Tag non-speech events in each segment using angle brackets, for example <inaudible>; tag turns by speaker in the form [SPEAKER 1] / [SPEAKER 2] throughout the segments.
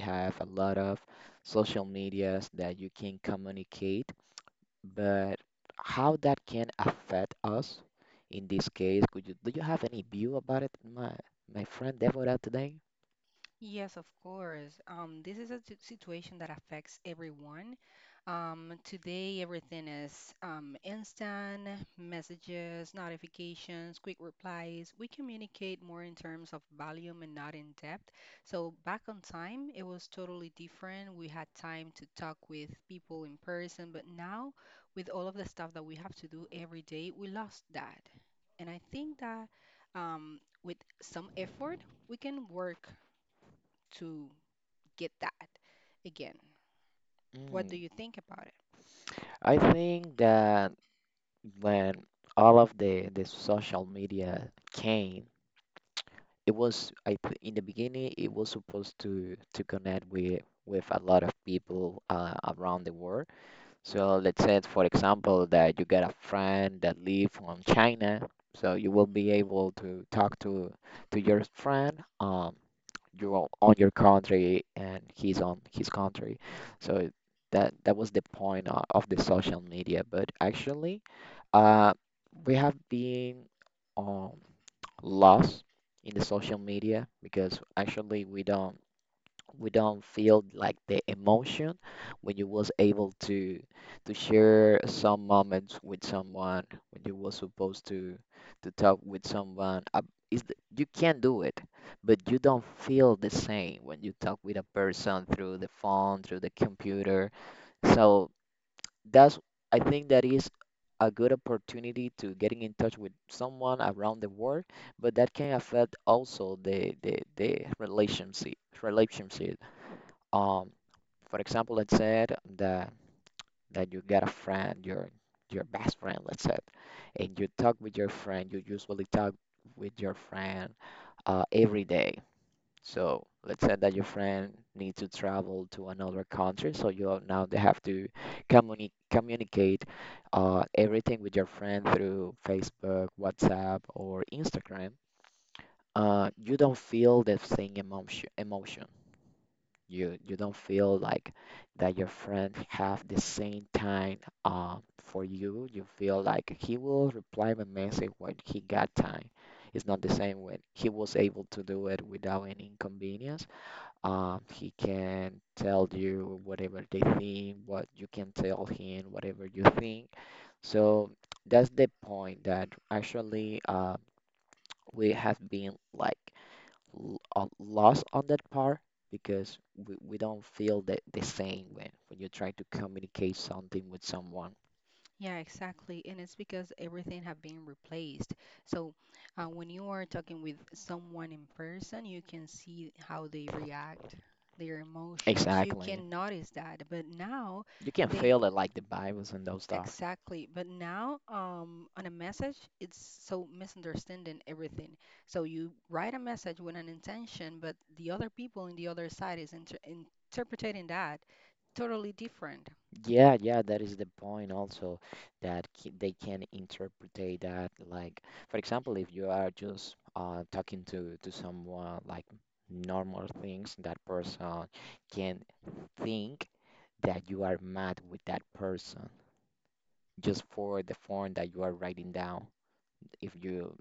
[SPEAKER 1] have a lot of social medias that you can communicate. But how that can affect us in this case, could you do you have any view about it, my friend Deborah today?
[SPEAKER 2] Yes, of course. This is a situation that affects everyone. Today, everything is instant messages, notifications, quick replies. We communicate more in terms of volume and not in depth. So, back on time, it was totally different. We had time to talk with people in person, but now, with all of the stuff that we have to do every day, we lost that. And I think that with some effort, we can work to get that again. What do
[SPEAKER 1] Mm.
[SPEAKER 2] you think about it?
[SPEAKER 1] I think that when all of the social media came, it was in the beginning it was supposed to connect with a lot of people around the world. So let's say for example that you get a friend that live from China, so you will be able to talk to your friend you are on your country and he's on his country. So that was the point of the social media. But actually, uh, we have been. um, lost in the social media because actually we don't feel like the emotion when you was able to share some moments with someone when you was supposed to talk with someone you can do it, but you don't feel the same when you talk with a person through the phone, through the computer. So that's I think that is a good opportunity to getting in touch with someone around the world, but that can affect also the relationship. Um, for example, let's say that that you get a friend, your best friend, let's say, and you talk with your friend. You usually talk with your friend every day, so let's say that your friend needs to travel to another country, so now they have to communicate everything with your friend through Facebook, WhatsApp, or Instagram. You don't feel the same emotion. You don't feel like that your friend have the same time for you. You feel like he will reply my message when he got time. It's not the same when he was able to do it without any inconvenience. He can tell you whatever they think, what you can tell him, whatever you think. So that's the point that actually we have been like lost on that part because we don't feel the same when you try to communicate something with someone.
[SPEAKER 2] Yeah, exactly. And it's because everything have been replaced. So, when you are talking with someone in person, you can see how they react, their emotions. You
[SPEAKER 1] Exactly.
[SPEAKER 2] can notice that. But now
[SPEAKER 1] You can feel
[SPEAKER 2] they
[SPEAKER 1] it like the Bibles and those stuff.
[SPEAKER 2] Exactly. But now, on a message, it's so misunderstanding everything. So you write a message with an intention, but the other people in the other side is interpreting that totally different.
[SPEAKER 1] Yeah, yeah, that is the point also that they can interpretate that. Like for example, if you are just talking to someone like normal things, that person can think that you are mad with that person just for the form that you are writing down, if you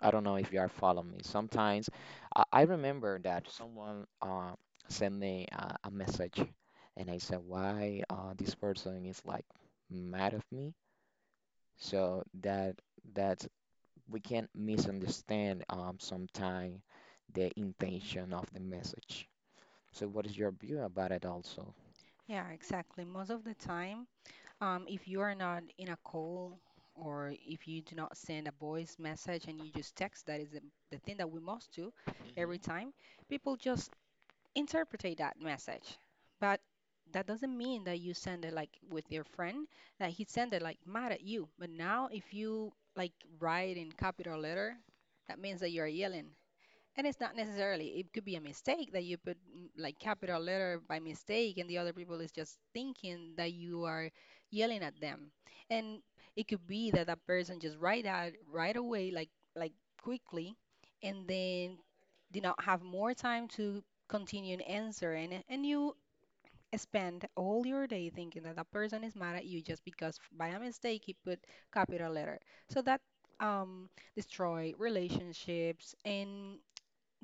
[SPEAKER 1] I don't know if you are following me. Sometimes I remember that someone sent me a message and I said, why this person is like mad of me? So that we can misunderstand sometimes the intention of the message. So what is your view about it also?
[SPEAKER 2] Yeah, exactly. Most of the time, if you are not in a call or if you do not send a voice message and you just text, that is the thing that we must do every
[SPEAKER 1] Mhm.
[SPEAKER 2] time. People just interpreted that message. But that doesn't mean that you send it like with your friend, that he sent it like mad at you. But now if you like write in capital letter, that means that you're yelling. And it's not necessarily, it could be a mistake that you put like capital letter by mistake, and the other people is just thinking that you are yelling at them. And it could be that that person just write out right away, like quickly, and then did not have more time to continue and answer. And you spend all your day thinking that that person is mad at you just because by a mistake he put capital letter. So that destroy relationships and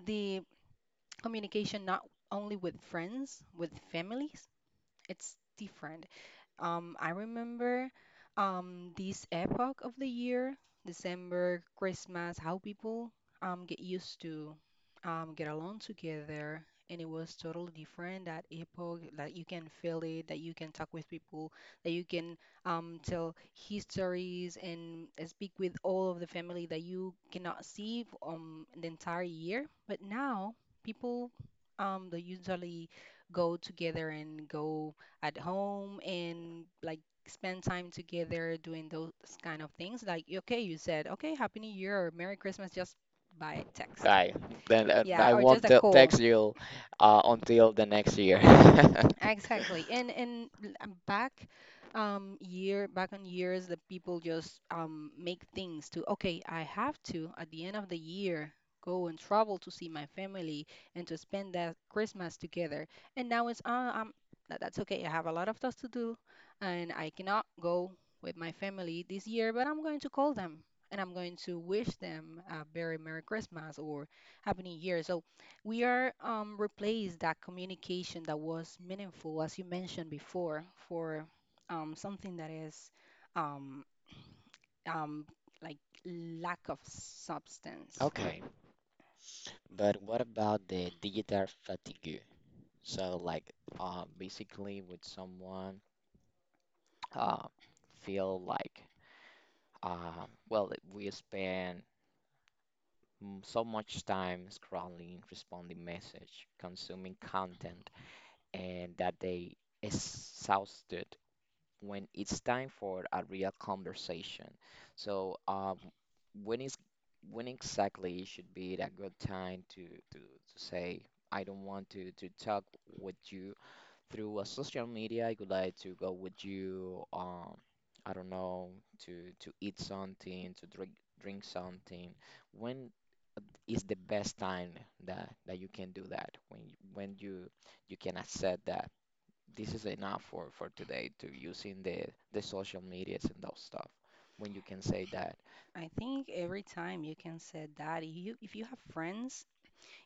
[SPEAKER 2] the communication not only with friends, with families. It's different. I remember this epoch of the year, December, Christmas, how people get used to get along together. And it was totally different that epoch, that you can feel it, that you can talk with people, that you can tell histories and speak with all of the family that you cannot see the entire year. But now people they usually go together and go at home and like spend time together doing those kind of things. Like, okay, you said, okay, Happy New Year, or Merry Christmas, just by text.
[SPEAKER 1] Right. Then
[SPEAKER 2] Yeah,
[SPEAKER 1] I
[SPEAKER 2] or just
[SPEAKER 1] won't
[SPEAKER 2] a call.
[SPEAKER 1] text you until the next year. <laughs>
[SPEAKER 2] Exactly. And back on years, the people just make things to, okay, I have to at the end of the year go and travel to see my family and to spend that Christmas together. And now that's okay. I have a lot of stuff to do and I cannot go with my family this year, but I'm going to call them and I'm going to wish them a very Merry Christmas or Happy New Year. So we are replace that communication that was meaningful, as you mentioned before, for something that is um, um, like lack of substance.
[SPEAKER 1] Okay. But what about the digital fatigue? So like basically with someone uh, feel like well, we spend so much time scrolling, responding message, consuming content, and that they exhausted when it's time for a real conversation. So when is when exactly it should be a good time to, to say I don't want to talk with you through a social media. I would like to go with you. I don't know, to eat something, to drink something. When is the best time that you can do that? When when you can accept that this is enough for today to using the social medias and those stuff. When you can say that
[SPEAKER 2] I think every time you can say that if you have friends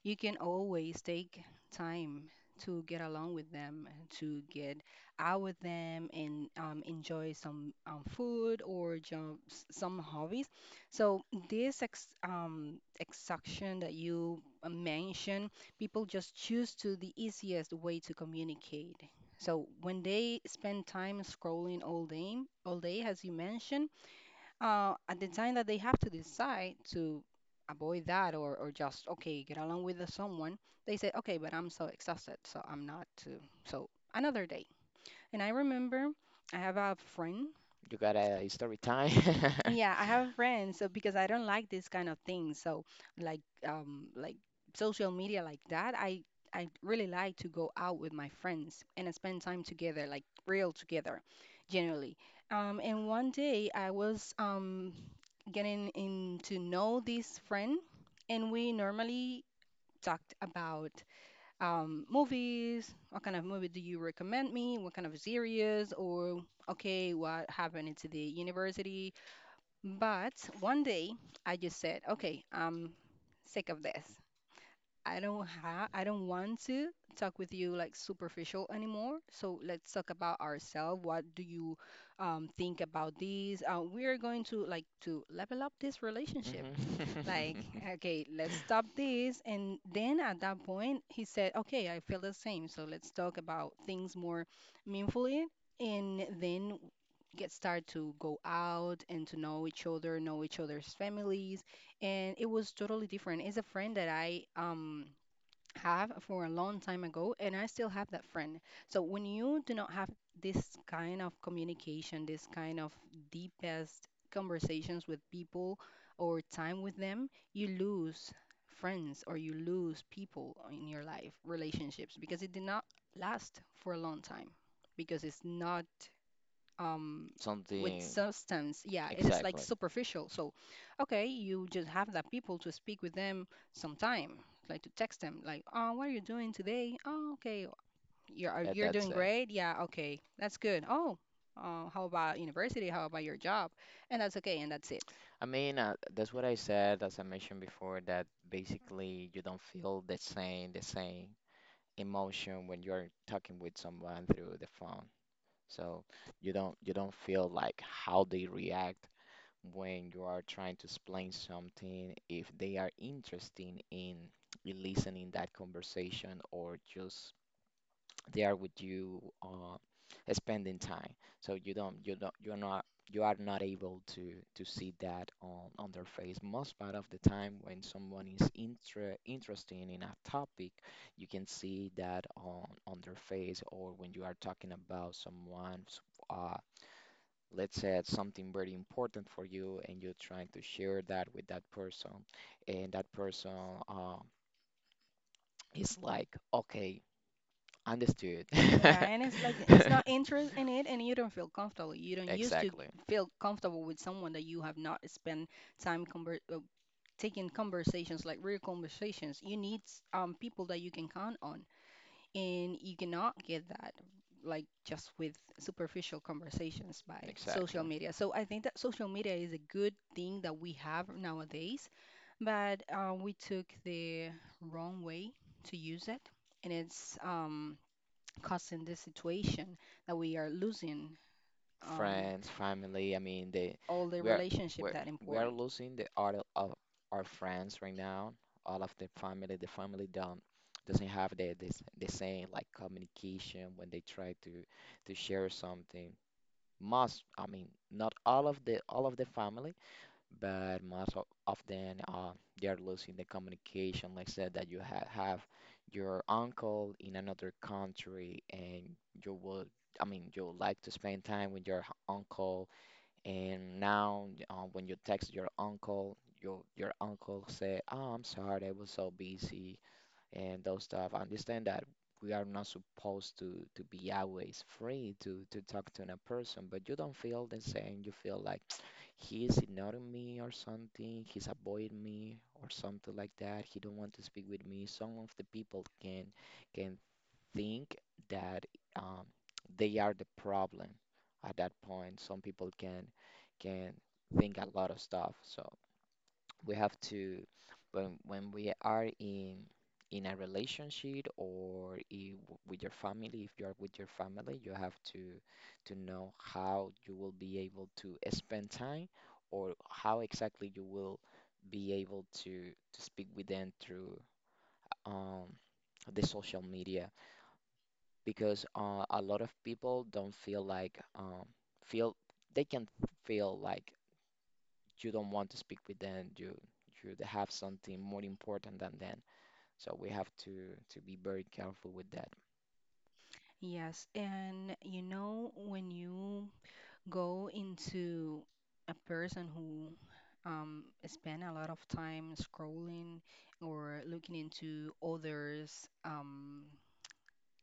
[SPEAKER 2] you can always take time to get along with them, to get out with them and enjoy some food or jump, some hobbies. So this ex extraction that you mentioned, people just choose to the easiest way to communicate. So when they spend time scrolling all day, as you mentioned, at the time that they have to decide to avoid that or just, okay, get along with the someone, they say, okay, but I'm so exhausted, so I'm not to, so another day. And I remember, I have a friend.
[SPEAKER 1] you got a story time. <laughs>
[SPEAKER 2] Yeah, I have a friend. So because I don't like this kind of thing, so like like social media like that, I really like to go out with my friends and spend time together, like real together, generally. And one day I was getting in to know this friend, and we normally talked about movies. What kind of movie do you recommend me? What kind of series? Or okay, what happened to the university? But one day, I just said, okay, I'm sick of this. I don't want to talk with you like superficial anymore. So let's talk about ourselves. What do you think about these? We are going to like to level up this relationship. Like,
[SPEAKER 1] Mhm. <laughs>
[SPEAKER 2] okay, let's stop this. And then at that point, he said, okay, I feel the same. So let's talk about things more meaningfully. And then get started to go out and to know each other, know each other's families. And it was totally different. It's a friend that I have for a long time ago and I still have that friend. So when you do not have this kind of communication, this kind of deepest conversations with people or time with them, you lose friends or you lose people in your life, relationships, because it did not last for a long time, because it's not
[SPEAKER 1] So
[SPEAKER 2] um
[SPEAKER 1] let's talk about things
[SPEAKER 2] with
[SPEAKER 1] more. Something
[SPEAKER 2] substance. Yeah, it is like
[SPEAKER 1] exactly.
[SPEAKER 2] superficial. So, okay, you just have that people to speak with them sometime, like to text them, like, oh, what are you doing today? Oh, okay,
[SPEAKER 1] Uh,
[SPEAKER 2] you're
[SPEAKER 1] that's
[SPEAKER 2] doing
[SPEAKER 1] doing it.
[SPEAKER 2] great. Yeah, okay, that's good. Oh uh, how about university, how about your job, and that's okay, and that's it.
[SPEAKER 1] I mean, that's what I said, as I mentioned before, that basically you don't feel the same emotion when you're talking with someone through the so you don't feel like how they react when you are trying to explain something, if they are interested in listening that conversation, or just they are with you spending time. So you don't you're not you are not able to see that on their face. Most part of the time when someone is interested in a topic, you can see that on their face, or when you are talking about someone, let's say it's something very important for you and you're trying to share that with that person, and that person uh, is like, okay, understood.
[SPEAKER 2] Yeah. And it's like it's not interest in it, and you don't feel comfortable, you
[SPEAKER 1] <laughs>
[SPEAKER 2] don't used to
[SPEAKER 1] exactly
[SPEAKER 2] feel comfortable with someone that you have not spent time taking conversations, like real conversations. You need people that you can count on, and you cannot get that like just with superficial conversations by social
[SPEAKER 1] exactly.
[SPEAKER 2] media. So I think that social media is a good thing that we have nowadays, but we took the wrong way to use it, and it's causing this situation that we are losing um
[SPEAKER 1] Friends, family. I mean, they
[SPEAKER 2] all the
[SPEAKER 1] we are
[SPEAKER 2] relationship
[SPEAKER 1] we're,
[SPEAKER 2] that
[SPEAKER 1] we are
[SPEAKER 2] important.
[SPEAKER 1] losing the art of our friends right now. All of the family, don't doesn't have the same like communication when they try to share something. Most, I mean, not all of the family, but most of, often they are losing the communication. Like I said, that you ha have your uncle in another country, and you will, I mean, you would like to spend time with your uncle, and now when you text your uncle, your uncle say, "Oh, I'm sorry, I was so busy," and those stuff. I understand that we are not supposed to be always free to talk to a person, but you don't feel the same. You feel like <sniffs> <tsk> he's ignoring me or something, he's avoiding me or something like that. He don't want to speak with me. Some of the people can think that um, they are the problem at that point. Some people can think a lot of stuff. So we have to, when we are in a relationship or with your family, if you are with your family, you have to know how you will be able to spend time, or how exactly you will be able to speak with them through um the social media, because a lot of people don't feel like feel they can feel like you don't want to speak with them. You have something more important than them. So we have to be very careful with that.
[SPEAKER 2] Yes, and when you go into a person who spend a lot of time scrolling or looking into others'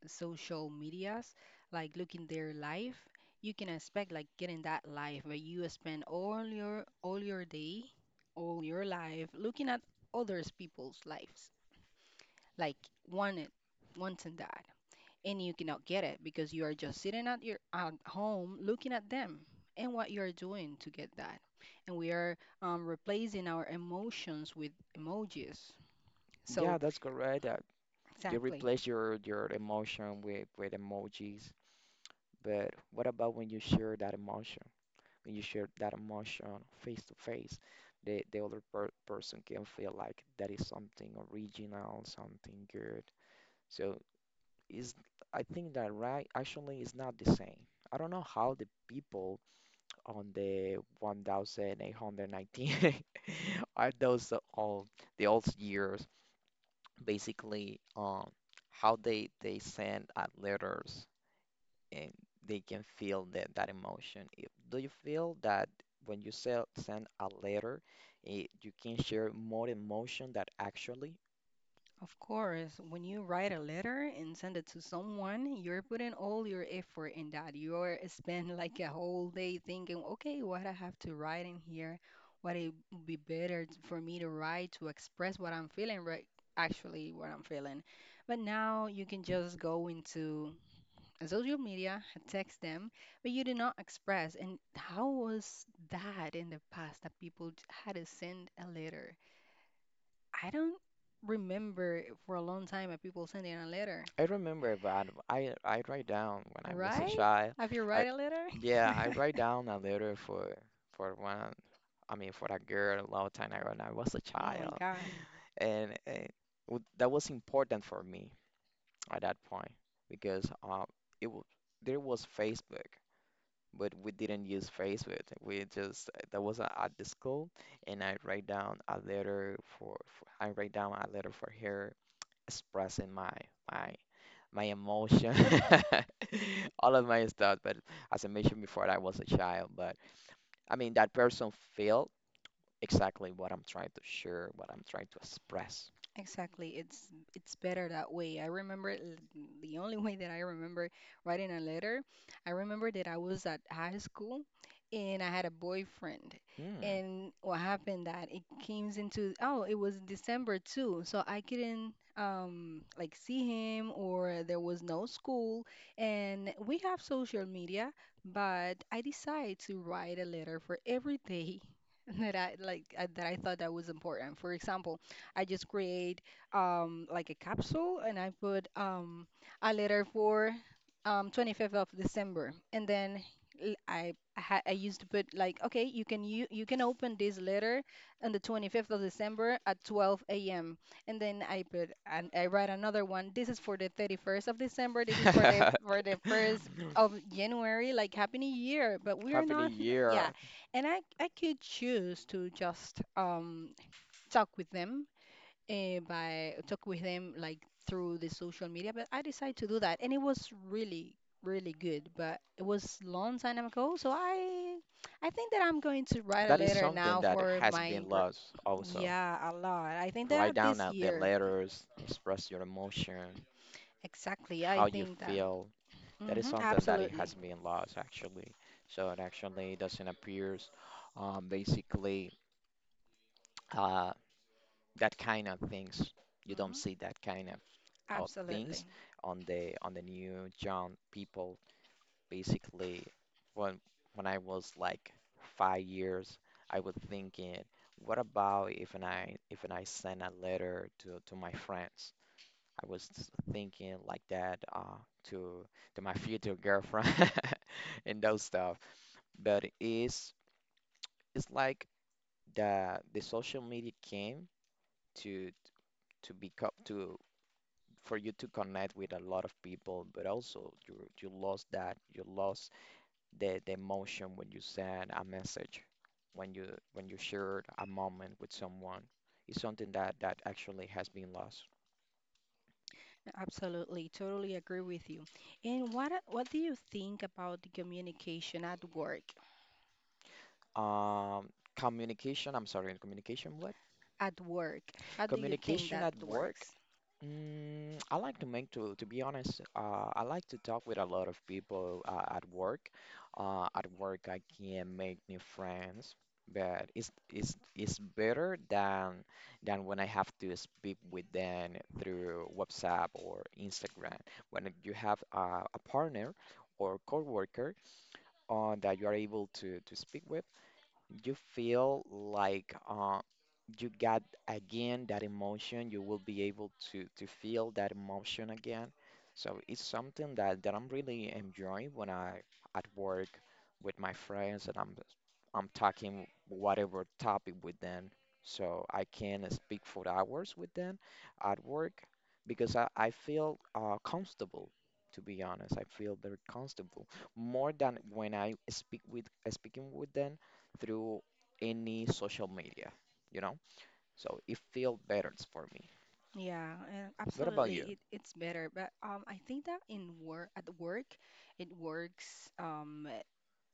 [SPEAKER 2] social medias, like looking their life, you can expect like getting that life where you spend all your day, all your life looking at others people's lives, like wanted, wanting that, and you cannot get it because you are just sitting at your at home looking at them and what you are doing to get that. And we are replacing our emotions with emojis.
[SPEAKER 1] Yeah,
[SPEAKER 2] So
[SPEAKER 1] that's correct. You
[SPEAKER 2] exactly.
[SPEAKER 1] replace your emotion with emojis. But what about when you share that emotion? When you share that emotion face to face, the other person can feel like that is something original, something good. So is I think that right actually is not the same. I don't know how the people on the 1819 <laughs> are those the all the old years, basically. How they send out letters and they can feel that emotion. Do you feel that when you send a letter, it, you can share more emotion that actually
[SPEAKER 2] Of course, when you write a letter and send it to someone, you're putting all your effort in that. You're spend like a whole day thinking, okay, what I have to write in here, what it would be better for me to write to express what I'm feeling, right? Actually, what I'm feeling. But now you can just go into a social media, text them, but you do not express. And how was that in the past that people had to send a letter? I don't remember for a long time of people sending a letter,
[SPEAKER 1] I remember that I write down when I was a
[SPEAKER 2] right?
[SPEAKER 1] child.
[SPEAKER 2] Have you
[SPEAKER 1] I
[SPEAKER 2] write a letter?
[SPEAKER 1] yeah, I
[SPEAKER 2] <laughs>
[SPEAKER 1] write down a letter for one. I mean, for a girl, a long time ago when I was a
[SPEAKER 2] Oh my
[SPEAKER 1] child,
[SPEAKER 2] God.
[SPEAKER 1] and that was important for me at that point, because it w there was Facebook, but we didn't use Facebook. We just that was at the school, and I write down a letter for I write down a letter for her, expressing my my emotion, <laughs> all of my stuff. But as I mentioned before, I was a child. But I mean, that person felt exactly what I'm trying to share, what I'm trying to express.
[SPEAKER 2] Exactly. It's better that way. I remember the only <laughs> way that I remember writing a letter. I remember that I was at high school and I had a boyfriend.
[SPEAKER 1] Mm.
[SPEAKER 2] And what happened that it came into oh, it was December too. So I couldn't like see him or there was no school and we have social media, but I decided to write a letter for every day <laughs> that I like that I thought that was important. For example, I just create like a capsule and I put a letter for 25th of December. And then I used to put like, okay, you can open this letter on the 25th of December at 12 a.m. And then I put and I write another one. This is for the 31st of December. This is for the first of
[SPEAKER 1] <laughs>
[SPEAKER 2] January, like Happy New Year. But we are
[SPEAKER 1] Happy New
[SPEAKER 2] not, yeah.
[SPEAKER 1] Year.
[SPEAKER 2] And I could choose to just talk with them by talk with them like through the social media, but I decided to do that, and it was really, really good. But it was long time ago, so I think that I'm going to write a
[SPEAKER 1] That is
[SPEAKER 2] letter
[SPEAKER 1] something
[SPEAKER 2] now
[SPEAKER 1] that has been lost also.
[SPEAKER 2] yeah, a lot. I think
[SPEAKER 1] Write
[SPEAKER 2] that
[SPEAKER 1] down
[SPEAKER 2] this
[SPEAKER 1] out the
[SPEAKER 2] year,
[SPEAKER 1] letters, express your emotion,
[SPEAKER 2] exactly. I
[SPEAKER 1] how you
[SPEAKER 2] think that.
[SPEAKER 1] feel. That is
[SPEAKER 2] Hmm.
[SPEAKER 1] something that it
[SPEAKER 2] Absolutely.
[SPEAKER 1] has been lost actually. So it actually doesn't appear. Basically, uh, that kind of things. You don't
[SPEAKER 2] Hmm.
[SPEAKER 1] see that kind of things
[SPEAKER 2] Absolutely.
[SPEAKER 1] on the new John people. Basically, when I was like 5 years, I was thinking, what about if and I send a letter to my friends? I was thinking like that, to to my future girlfriend <laughs> and those stuff. But it's like the social media came to to become to for you to connect with a lot of people, but also you lost that you lost the emotion when you send a message, when you shared a moment with someone. It's something that actually has been lost.
[SPEAKER 2] Absolutely. Totally agree with you. And what do you think about the communication at work?
[SPEAKER 1] Um, Communication. I'm sorry, communication.
[SPEAKER 2] At work, how do you think
[SPEAKER 1] Communication
[SPEAKER 2] that
[SPEAKER 1] at work.
[SPEAKER 2] works?
[SPEAKER 1] Mm, I like to make to be honest. I like to talk with a lot of people at work. At work, I can make new friends, but it's better than when I have to speak with them through WhatsApp or Instagram. When you have, a partner or coworker that you are able to speak with, you feel like you got again that emotion. You will be able to feel that emotion again, so it's something that I'm really enjoying when I at work with my friends, and I'm talking whatever topic with them, so I can speak for hours with them at work because I feel comfortable. To be honest, I feel very comfortable, more than when I speak with speaking with them through any social media, you know, so it felt better for me.
[SPEAKER 2] Yeah, and
[SPEAKER 1] What about
[SPEAKER 2] absolutely.
[SPEAKER 1] you?
[SPEAKER 2] It's better, but I think that in work, at work, it works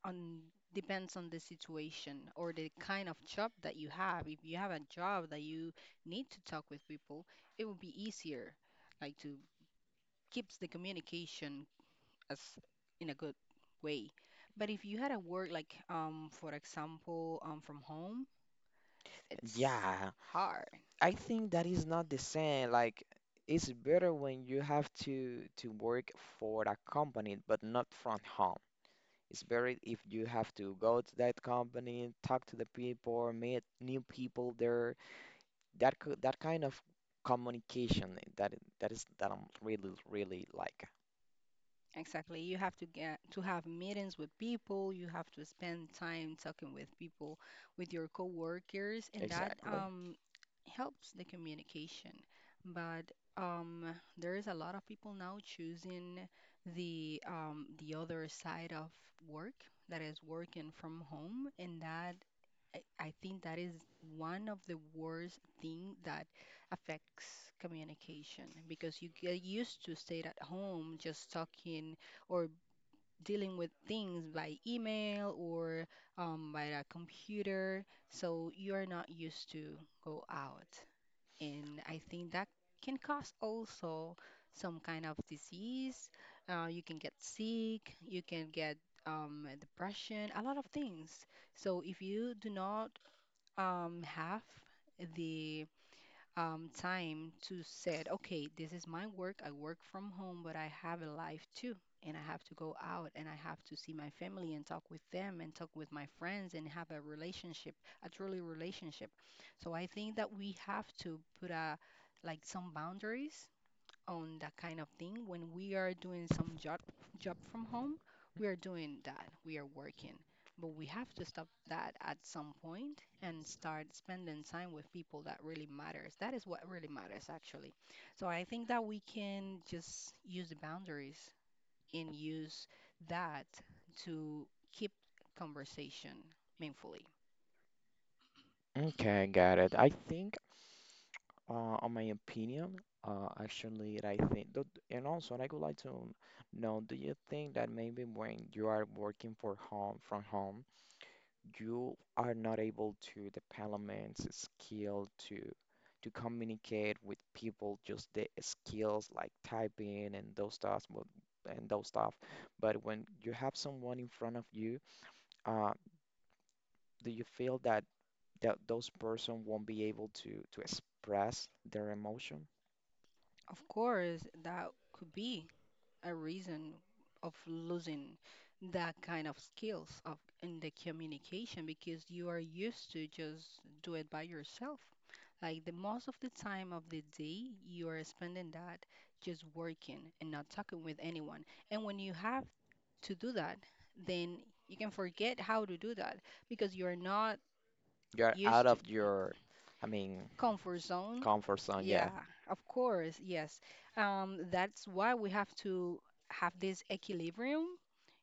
[SPEAKER 2] on depends on the situation or the kind of job that you have. If you have a job that you need to talk with people, it will be easier, like to keeps the communication as in a good way. But if you had a work like for example, from home, it's
[SPEAKER 1] Yeah,
[SPEAKER 2] hard.
[SPEAKER 1] I think that is not the same. Like, it's better when you have to work for a company, but not from home. It's better if you have to go to that company, talk to the people, meet new people there. That kind of communication that I'm really really like.
[SPEAKER 2] Exactly. You have to get to have meetings with people. You have to spend time talking with people, with your coworkers, and that
[SPEAKER 1] Exactly.
[SPEAKER 2] helps the communication. But there is a lot of people now choosing the other side of work, that is working from home, and that I think that is one of the worst thing that affects communication because you get used to stay at home just talking or dealing with things by email or by a computer. So you are not used to go out. And I think that can cause also some kind of disease. You can get sick, you can get depression, a lot of things. So if you do not have the time to said, okay, this is my work. I work from home, but I have a life too. And I have to go out and I have to see my family and talk with them and talk with my friends and have a relationship, a truly relationship. So I think that we have to put a like some boundaries on that kind of thing. When we are doing some job from home, we are doing that. We are working. But we have to stop that at some point and start spending time with people that really matters. That is what really matters actually. So I think that we can just use the boundaries and use that to keep conversation meaningfully.
[SPEAKER 1] Okay, got it. I think. On my opinion, actually, I think, and also, I would like to know, do you think that maybe when you are working for home from home, you are not able to develop skill to communicate with people, just the skills like typing and and those stuff? But when you have someone in front of you, uh, do you feel that those person won't be able to express their emotion?
[SPEAKER 2] Of course, that could be a reason of losing that kind of skills of in the communication because you are used to just do it by yourself. Like the most of the time of the day, you are spending that just working and not talking with anyone. And when you have to do that, then you can forget how to do that because you are not
[SPEAKER 1] You're out
[SPEAKER 2] used to.
[SPEAKER 1] of your, I mean,
[SPEAKER 2] Comfort zone.
[SPEAKER 1] comfort zone. Yeah,
[SPEAKER 2] Yeah, of course. Yes. That's why we have to have this equilibrium.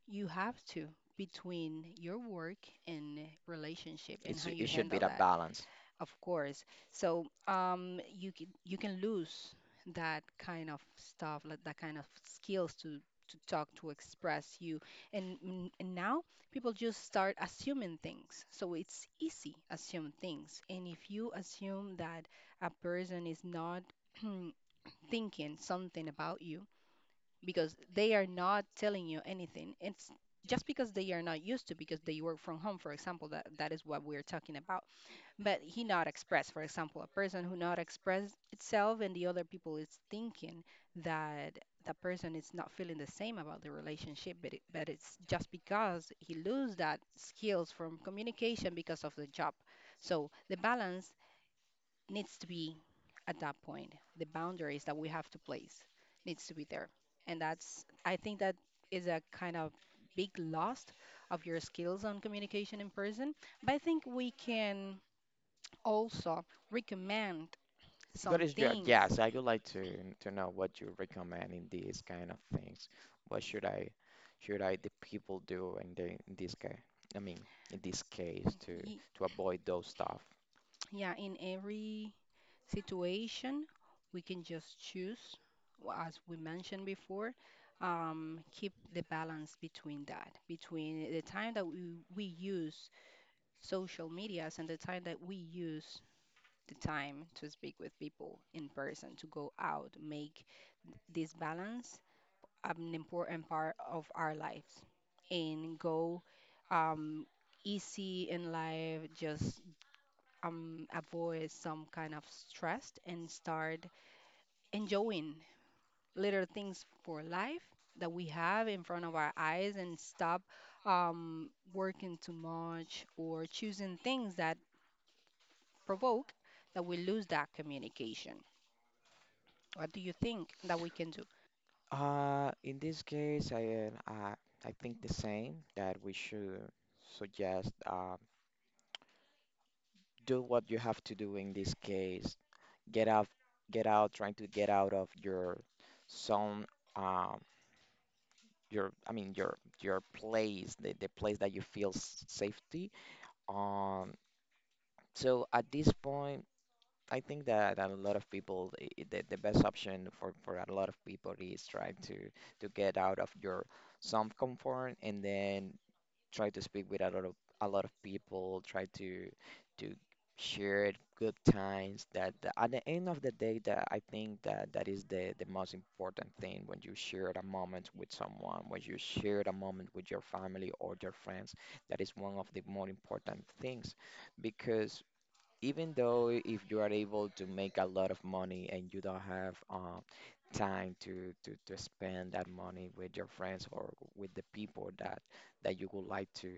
[SPEAKER 2] You have to between your work and relationship and how
[SPEAKER 1] it
[SPEAKER 2] you
[SPEAKER 1] should be
[SPEAKER 2] handle
[SPEAKER 1] that
[SPEAKER 2] that.
[SPEAKER 1] balance.
[SPEAKER 2] Of course. So you can, you can lose that kind of stuff, like that kind of skills to talk, to express you. And now people just start assuming things. So it's easy assume things. And if you assume that a person is not <clears throat> thinking something about you because they are not telling you anything, it's just because they are not used to because they work from home, for example, that is what we're talking about, but he not express, for example, a person who not express itself and the other people is thinking that the person is not feeling the same about the relationship, but, but it's just because he lose that skills from communication because of the job. So the balance needs to be at that point. The boundaries that we have to place needs to be there. And that's, I think that is a kind of big loss of your skills on communication in person. But I think we can also recommend
[SPEAKER 1] What
[SPEAKER 2] some
[SPEAKER 1] is your,
[SPEAKER 2] things.
[SPEAKER 1] yes, I would like to know what you recommend in these kind of things. What should the people do in the in this case? I mean, in this case, to
[SPEAKER 2] Ye-
[SPEAKER 1] to avoid those stuff.
[SPEAKER 2] Yeah, in every situation, we can just choose, well, as we mentioned before, keep the balance between that, between the time that we use social medias and the time that we use the time to speak with people in person, to go out, make this balance an important part of our lives and go um, easy in life, just avoid some kind of stress and start enjoying little things for life that we have in front of our eyes and stop working too much or choosing things that provoke that we lose that communication. What do you think that we can do?
[SPEAKER 1] In this case, I think the same that we should suggest, do what you have to do in this case. Get out, trying to get out of your zone. um your, I mean, your place, the place that you feel safety. um so at this point, I think that a lot of people, the best option for a lot of people is trying to get out of your zone of comfort and then try to speak with a lot of people, try to share good times, at the end of the day. That I think that is the most important thing, when you share a moment with someone, when you share a moment with your family or your friends. That is one of the more important things, because even though if you are able to make a lot of money and you don't have, time to spend that money with your friends or with the people that you would like to,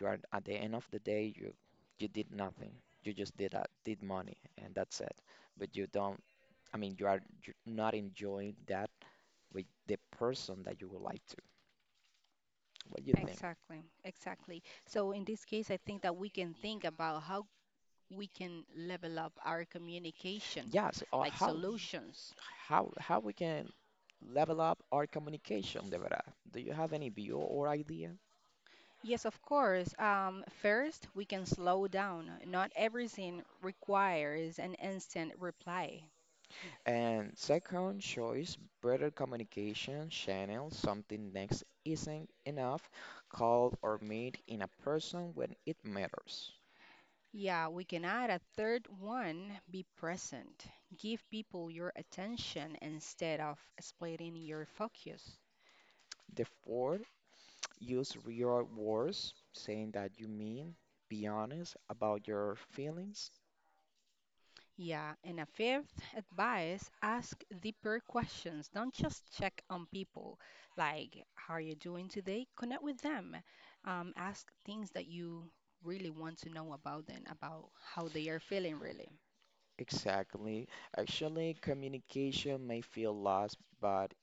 [SPEAKER 1] you are at the end of the day, you did nothing. You just did, money, and that's it. But you don't. I mean, you are not enjoying that with the person that you would like to. What do you think?
[SPEAKER 2] Exactly, exactly. So in this case, I think that we can think about how we can level up our communication,
[SPEAKER 1] Yes. Or
[SPEAKER 2] like solutions.
[SPEAKER 1] how we can level up our communication, Devra? Do you have any view or idea?
[SPEAKER 2] Yes, of course. First, we can slow down. Not everything requires an instant reply.
[SPEAKER 1] And second choice, better communication channel, something next isn't enough. Call or meet in a person when it matters.
[SPEAKER 2] Yeah, we can add a third one, be present. Give people your attention instead of splitting your focus.
[SPEAKER 1] The fourth, use real words, saying that you mean, be honest about your feelings.
[SPEAKER 2] Yeah, and a fifth advice, ask deeper questions. Don't just check on people. Like, how are you doing today? Connect with them. Ask things that you really want to know about them, about how they are feeling, really.
[SPEAKER 1] Exactly. Actually, communication may feel lost, but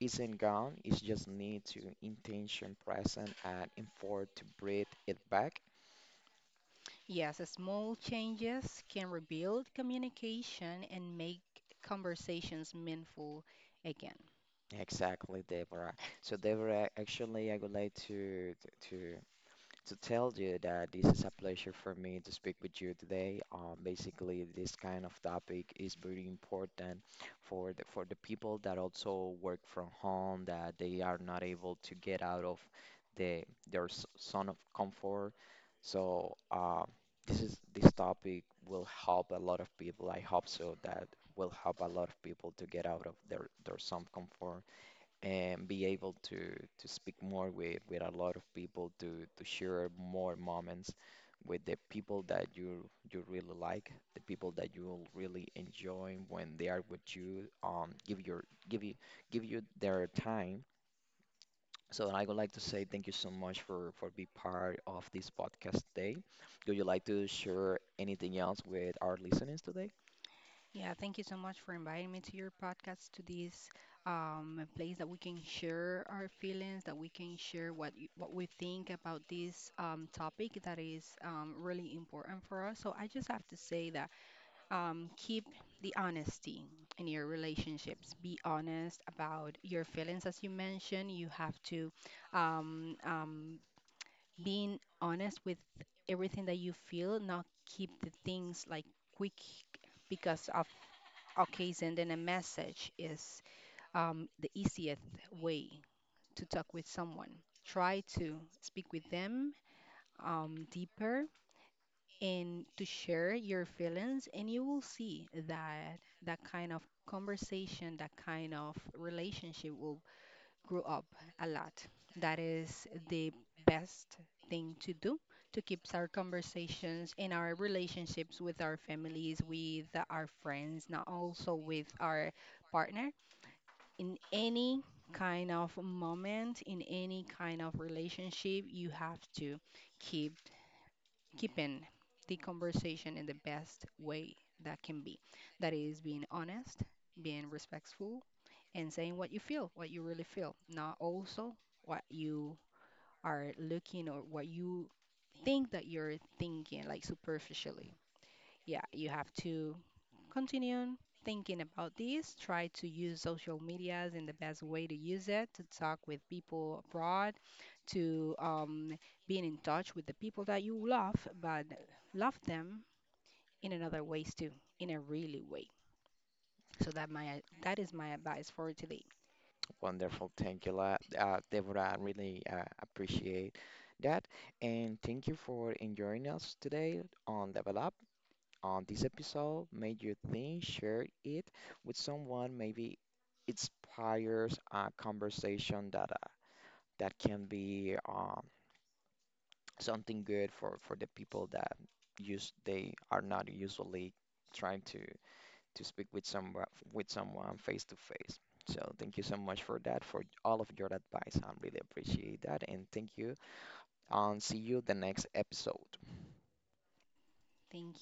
[SPEAKER 1] isn't gone, it's just need to intention present and effort to breathe it back.
[SPEAKER 2] Yes, small changes can rebuild communication and make conversations meaningful again.
[SPEAKER 1] Exactly, Deborah. So Deborah, actually I would like to to tell you that this is a pleasure for me to speak with you today. Basically, this kind of topic is very important for the people that also work from home, that they are not able to get out of the their zone of comfort. So, this is this topic will help a lot of people. I hope so that will help a lot of people to get out of their zone of comfort and be able to speak more with a lot of people, to share more moments with the people that you really like, the people that you will really enjoy when they are with you, give your give you their time. So I would like to say thank you so much for being part of this podcast today. Would you like to share anything else with our listeners today?
[SPEAKER 2] Yeah, thank you so much for inviting me to your podcast, to this place that we can share our feelings, that we can share what we think about this topic that is really important for us. So I just have to say that, keep the honesty in your relationships. Be honest about your feelings, as you mentioned. You have to um, um, being honest with everything that you feel, not keep the things like quick because of okay, send in a message is the easiest way to talk with someone. Try to speak with them deeper and to share your feelings, and you will see that that kind of conversation, that kind of relationship will grow up a lot. That is the best thing to do to keep our conversations and our relationships with our families, with our friends, not also with our partner in any kind of moment, in any kind of relationship. You have to keep keeping the conversation in the best way that can be. That is being honest, being respectful, and saying what you feel, what you really feel, not also what you are looking or what you think that you're thinking, like superficially. Yeah, you have to continue thinking about this. Try to use social medias in the best way to use it to talk with people abroad, to being in touch with the people that you love, but love them in another ways too, in a really way. So that my that is my advice for today.
[SPEAKER 1] Wonderful. Thank you a lot, Deborah. I really appreciate that. And thank you for enjoying us today on Level Up. On this episode, made you think, share it with someone, maybe inspires a conversation that can be something good for the people that use they are not usually trying to speak with someone face to face. So thank you so much for that, for all of your advice. I really appreciate that, and thank you. And see you the next episode.
[SPEAKER 2] Thank